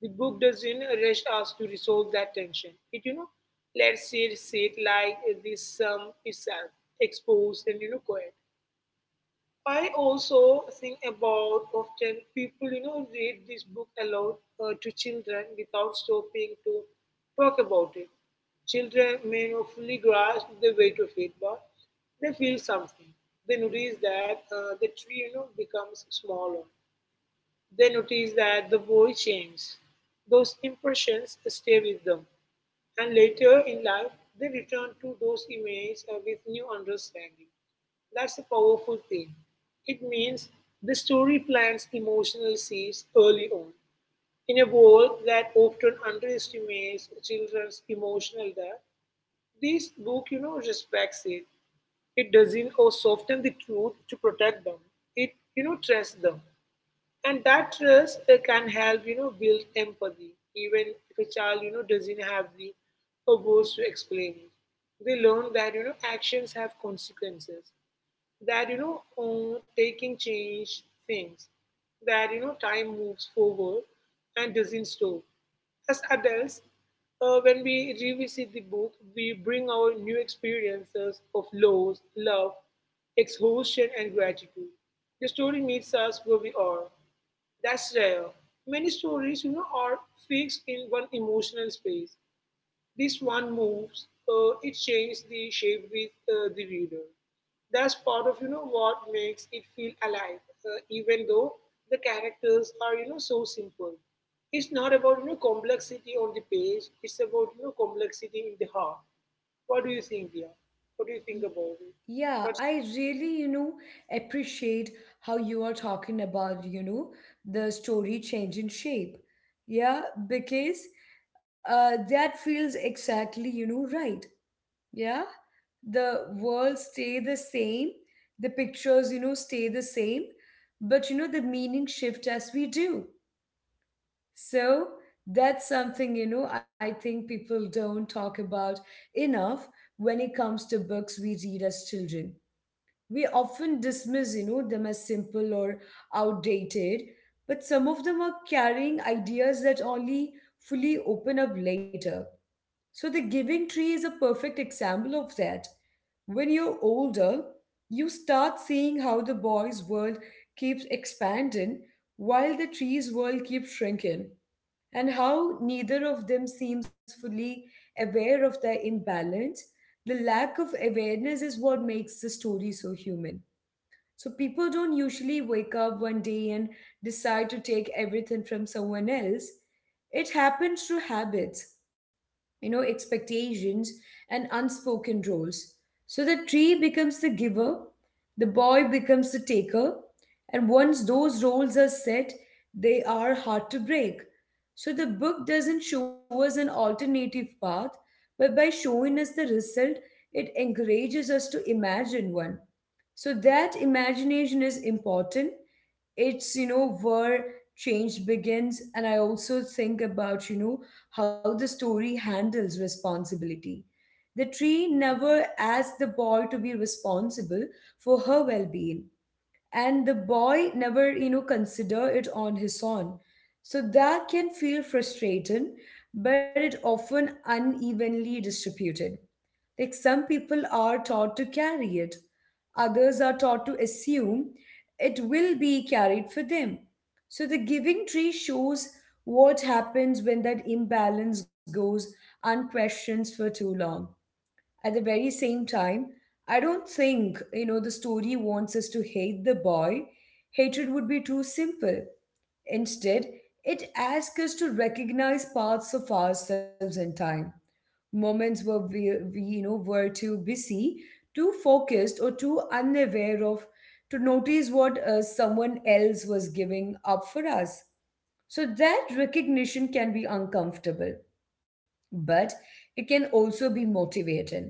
Speaker 2: The book doesn't rush us to resolve that tension. It, you know, lets it sit like this sum itself, exposed and, you know, quiet. I also think about often people, you know, read this book aloud uh, to children without stopping to talk about it. Children may not fully grasp the weight of it, but they feel something. They notice that uh, the tree, you know, becomes smaller. They notice that the boy changed. Those impressions stay with them, and later in life, they return to those images uh, with new understanding. That's a powerful thing. It means the story plants emotional seeds early on. In a world that often underestimates children's emotional depth, this book, you know, respects it. It doesn't or soften the truth to protect them. It, you know, trusts them. And that trust uh, can help you know build empathy, even if a child you know doesn't have the uh, words to explain it. They learn that you know actions have consequences, that you know uh, taking change things, that you know time moves forward and doesn't stop. As adults, uh, when we revisit the book, we bring our new experiences of loss, love, exhaustion, and gratitude. The story meets us where we are. That's rare. Many stories, you know, are fixed in one emotional space. This one moves. Uh, it changes the shape with uh, the reader. That's part of you know what makes it feel alive, uh, even though the characters are you know so simple. It's not about you know complexity on the page. It's about you know complexity in the heart. What do you think, Dia? What do you think
Speaker 1: Y-
Speaker 2: about it?
Speaker 1: Yeah, I really, you know, appreciate how you are talking about, you know, the story changing shape. Yeah, because uh, that feels exactly, you know, right. Yeah, the world stay the same, the pictures, you know, stay the same, but you know, the meaning shift as we do. So that's something, you know, I think people don't talk about enough when it comes to books we read as children. We often dismiss you know them as simple or outdated, but some of them are carrying ideas that only fully open up later. So The Giving Tree is a perfect example of that. When you're older, you start seeing how the boy's world keeps expanding while the tree's world keeps shrinking, and how neither of them seems fully aware of their imbalance. The lack of awareness is what makes the story so human. So people don't usually wake up one day and decide to take everything from someone else. It happens through habits, you know, expectations, and unspoken roles. So the tree becomes the giver, the boy becomes the taker, and once those roles are set, they are hard to break. So the book doesn't show us an alternative path, but by showing us the result, it encourages us to imagine one. So that imagination is important. It's you know where change begins. And I also think about you know how the story handles responsibility. The tree never asked the boy to be responsible for her well-being, and the boy never you know consider it on his own. So that can feel frustrating, but it often unevenly distributed. Like, some people are taught to carry it, others are taught to assume it will be carried for them. So The Giving Tree shows what happens when that imbalance goes unquestioned for too long. At the very same time, I don't think, you know, the story wants us to hate the boy. Hatred would be too simple. Instead, it asks us to recognize parts of ourselves in time, moments where we, we you know were too busy, too focused, or too unaware of to notice what uh, someone else was giving up for us. So that recognition can be uncomfortable, but it can also be motivating.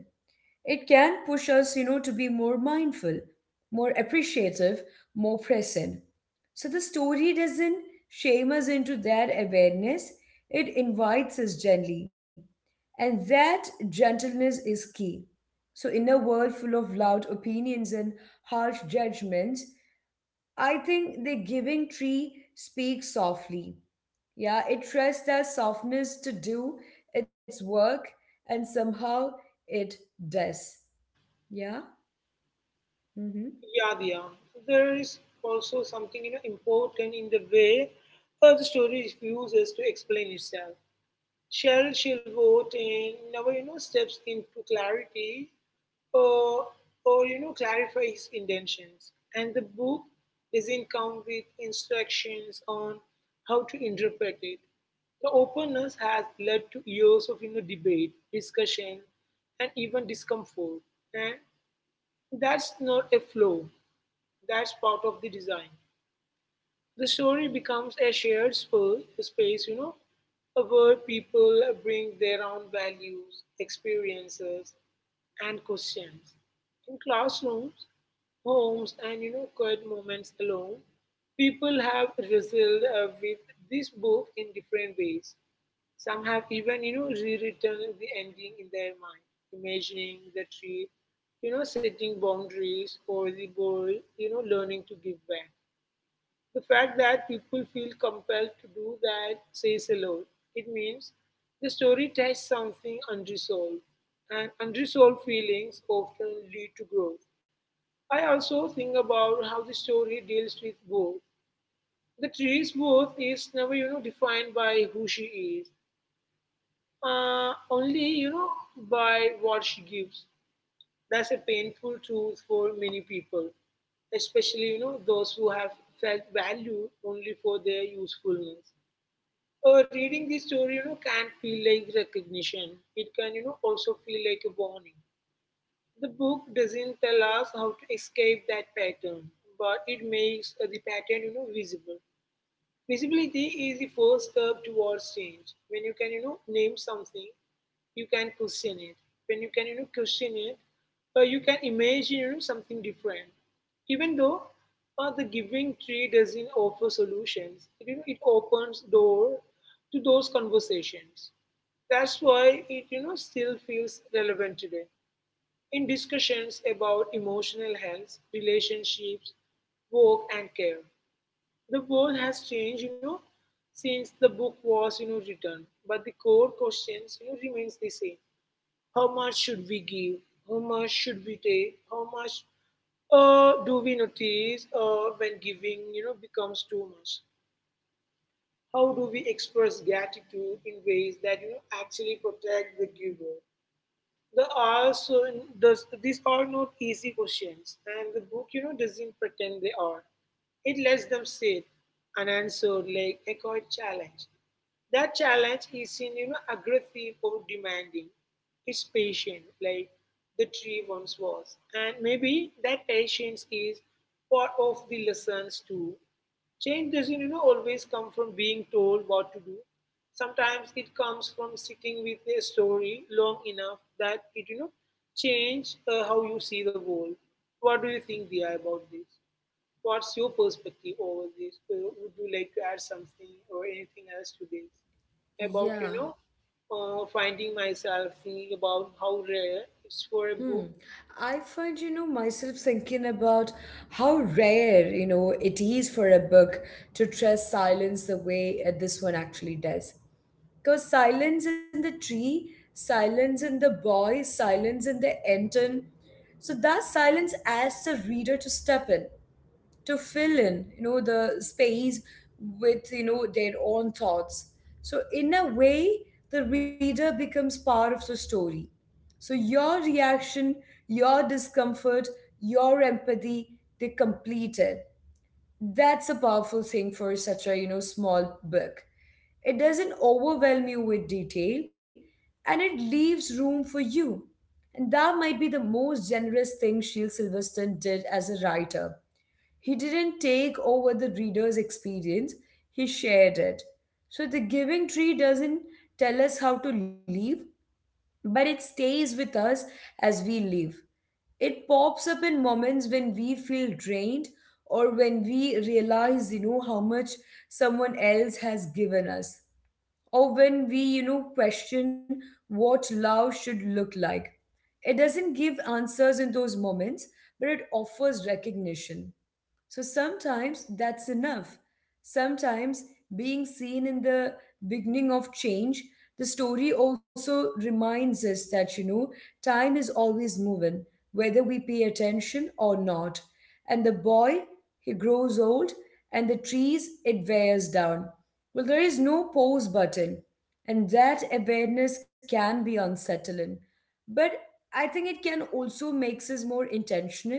Speaker 1: It can push us you know to be more mindful, more appreciative, more present. So the story doesn't shame us into that awareness, it invites us gently, and that gentleness is key. So in a world full of loud opinions and harsh judgments, I think The Giving Tree speaks softly. Yeah, it trusts that softness to do its work, and somehow it does. Yeah. Mm-hmm.
Speaker 2: Yadya. There is also something you know important in the way uh, the story refuses to explain itself. Shell she'll vote and never you know steps into clarity, or or you know clarify his intentions. And the book doesn't come with instructions on how to interpret it. The openness has led to years of you know, debate, discussion, and even discomfort. And that's not a flaw. That's part of the design. The story becomes a shared spa- space, you know, where people bring their own values, experiences, and questions. In classrooms, homes, and you know, quiet moments alone, people have wrestled uh, with this book in different ways. Some have even, you know, rewritten the ending in their mind, imagining the tree, you know, setting boundaries, or the boy, you know, learning to give back. The fact that people feel compelled to do that says a lot. It means the story touches something unresolved, and unresolved feelings often lead to growth. I also think about how the story deals with both. The tree's worth is never, you know, defined by who she is, uh, only, you know, by what she gives. That's a painful truth for many people, especially, you know, those who have felt valued only for their usefulness. Uh, reading this story, you know, can feel like recognition. It can, you know, also feel like a warning. The book doesn't tell us how to escape that pattern, but it makes uh, the pattern, you know, visible. Visibility is the first step towards change. When you can, you know, name something, you can question it. When you can, you know, question it, uh, you can imagine you know, something different. Even though uh, the giving tree doesn't offer solutions, it, you know, it opens door to those conversations. That's why it, you know, still feels relevant today. In discussions about emotional health, relationships, work, and care, the world has changed, you know, since the book was, you know, written. But the core questions, you know, remains the same. How much should we give? How much should we take? How much uh, do we notice uh, when giving, you know, becomes too much? How do we express gratitude in ways that, you know, actually protect the giver? There are also does these are not easy questions, and the book, you know, doesn't pretend they are. It lets them sit unanswered like a quiet challenge. That challenge is in you know aggressive or demanding. It's patient, like the tree once was, and maybe that patience is part of the lessons too. Change doesn't you know always come from being told what to do. Sometimes it comes from sitting with a story long enough that it you know change uh, how you see the world. What do you think, Dia, about this? What's your perspective over this? Uh, would you like to add something or anything else to this about you
Speaker 1: Yeah.
Speaker 2: know uh, finding myself thinking about how rare it's for a
Speaker 1: Hmm.
Speaker 2: book?
Speaker 1: I find, you know, myself thinking about how rare, you know, it is for a book to trust silence the way uh, this one actually does. Because silence in the tree, silence in the boy, silence in the enton. So that silence asks the reader to step in, to fill in you know the space with you know their own thoughts. So in a way, the reader becomes part of the story. So your reaction, your discomfort, your empathy, they complete it. That's a powerful thing for such a you know small book. It doesn't overwhelm you with detail, and it leaves room for you. And that might be the most generous thing Shiel Silverstone did as a writer. He didn't take over the reader's experience, he shared it. So The Giving Tree doesn't tell us how to live, but it stays with us as we live. It pops up in moments when we feel drained, or when we realize, you know, how much someone else has given us. Or when we, you know, question what love should look like. It doesn't give answers in those moments, but it offers recognition. So sometimes that's enough. Sometimes being seen in the beginning of change, the story also reminds us that, you know, time is always moving, whether we pay attention or not. And the boy, he grows old, and the trees, it wears down. Well, there is no pause button, and that awareness can be unsettling, but I think it can also makes us more intentional.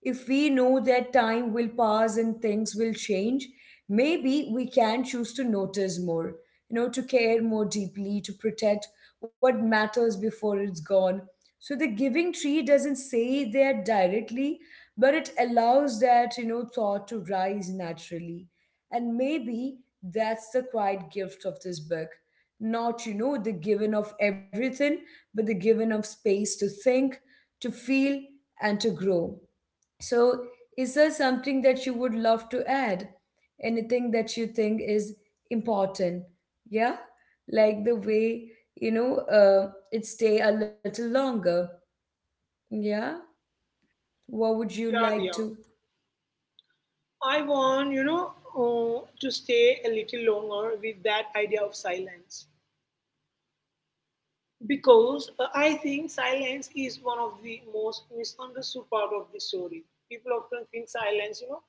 Speaker 1: If we know that time will pass and things will change, maybe we can choose to notice more, you know to care more deeply, to protect what matters before it's gone. So The Giving Tree doesn't say that directly, but it allows that you know thought to rise naturally. And maybe that's the quiet gift of this book. Not, you know, the given of everything, but the given of space to think, to feel, and to grow. So, is there something that you would love to add? Anything that you think is important? Yeah? Like the way, you know, uh, it stay a little longer. Yeah? What would you
Speaker 2: Yeah,
Speaker 1: like
Speaker 2: Dia.
Speaker 1: to?
Speaker 2: I want, you know, uh, to stay a little longer with that idea of silence, because uh, I think silence is one of the most misunderstood part of the story. People often think silence, you know,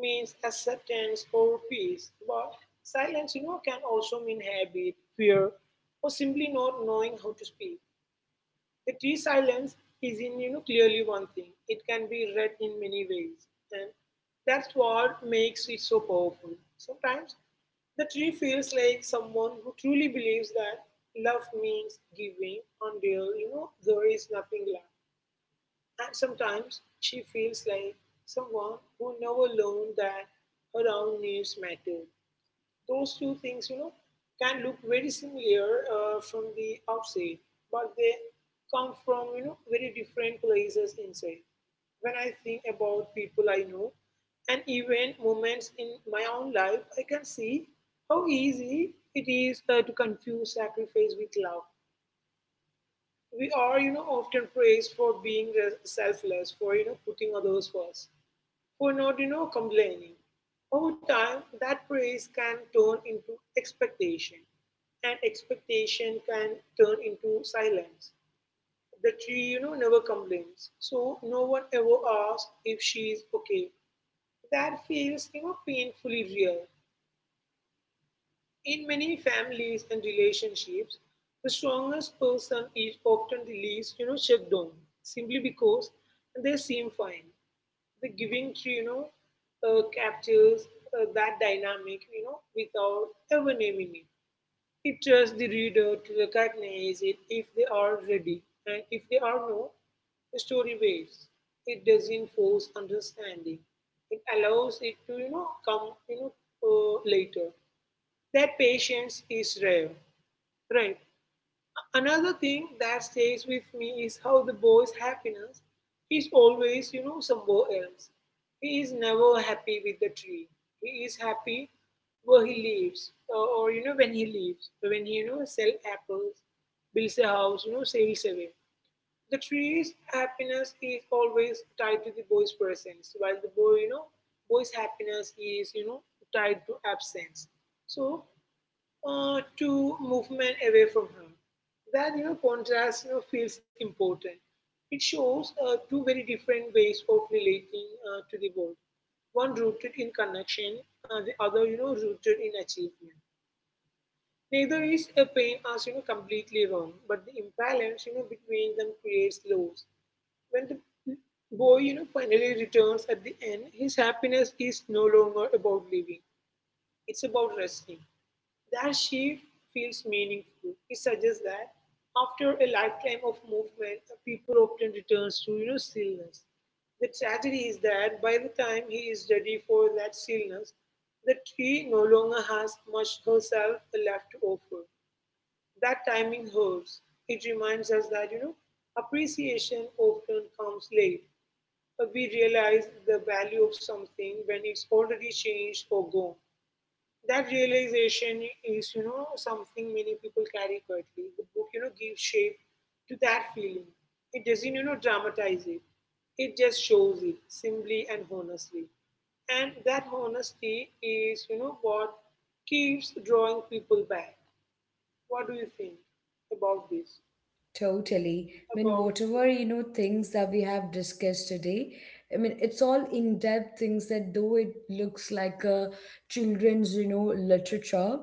Speaker 2: means acceptance or peace, but silence, you know, can also mean habit, fear, or simply not knowing how to speak. The tea silence is in you know clearly one thing. It can be read in many ways, and that's what makes it so powerful. Sometimes the tree feels like someone who truly believes that love means giving until you know there is nothing left. And sometimes she feels like someone who never learned that her own needs mattered. Those two things, you know, can look very similar uh, from the outside, but they come from you know very different places inside. When I think about people I know, and even moments in my own life, I can see how easy it is uh, to confuse sacrifice with love. We are, you know, often praised for being uh, selfless, for you know, putting others first, for not you know complaining. Over time, that praise can turn into expectation, and expectation can turn into silence. The tree, you know, never complains, so no one ever asks if she's okay. That feels, you know, painfully real. In many families and relationships, the strongest person is often the least, you know, checked on, simply because they seem fine. The Giving Tree, you know, uh, captures uh, that dynamic, you know, without ever naming it. It trusts the reader to recognize it if they are ready, and if they are not, the story waits. It doesn't force understanding. It allows it to, you know, come, you know, uh, later. That patience is rare, right? Another thing that stays with me is how the boy's happiness is always, you know, somewhere else. He is never happy with the tree. He is happy where he lives, or, or you know, when he lives, when he, you know, sell apples, builds a house, you know, sails away. The tree's happiness is always tied to the boy's presence, while the boy, you know, boy's happiness is, you know, tied to absence. So uh, to movement away from her. That you know, contrast you know, feels important. It shows uh, two very different ways of relating uh, to the world. One rooted in connection, uh, the other, you know, rooted in achievement. Neither is a pain as you know completely wrong, but the imbalance you know between them creates loss. When the boy you know finally returns at the end, his happiness is no longer about living; it's about resting. That shift feels meaningful. It suggests that after a lifetime of movement, people often returns to you know stillness. The tragedy is that by the time he is ready for that stillness, the tree no longer has much herself left to offer. That timing hurts. It reminds us that you know appreciation often comes late. But we realize the value of something when it's already changed or gone. That realization is you know something many people carry quietly. The book you know gives shape to that feeling. It doesn't you know dramatize it. It just shows it simply and honestly. And that honesty is you know what keeps drawing people back. What do you think about this
Speaker 1: Totally. I mean,
Speaker 2: about
Speaker 1: whatever,
Speaker 2: yeah.
Speaker 1: you know, things that we have discussed today, I mean, it's all in-depth things that though it looks like a children's, you know, literature,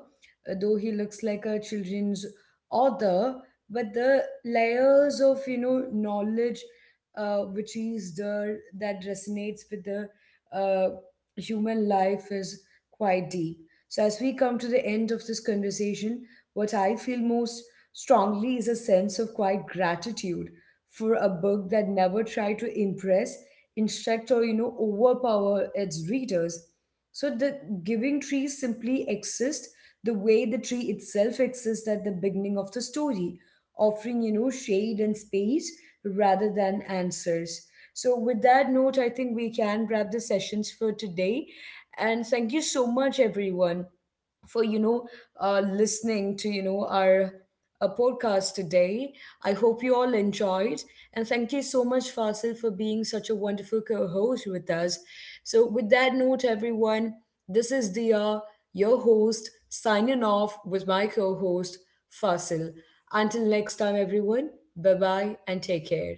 Speaker 1: uh, though he looks like a children's author, but the layers of, you know, knowledge uh, which is there that resonates with the uh, human life is quite deep. So as we come to the end of this conversation, what I feel most strongly is a sense of quiet gratitude for a book that never tried to impress, instruct, or you know overpower its readers. So The Giving Tree simply exists the way the tree itself exists at the beginning of the story, offering you know shade and space rather than answers. So with that note, I think we can wrap the sessions for today. And thank you so much, everyone, for you know uh, listening to you know our a podcast today. I hope you all enjoyed. And thank you so much, Fasil, for being such a wonderful co host with us. So, with that note, everyone, this is Dia, your host, signing off with my co host, Fasil. Until next time, everyone, bye bye and take care.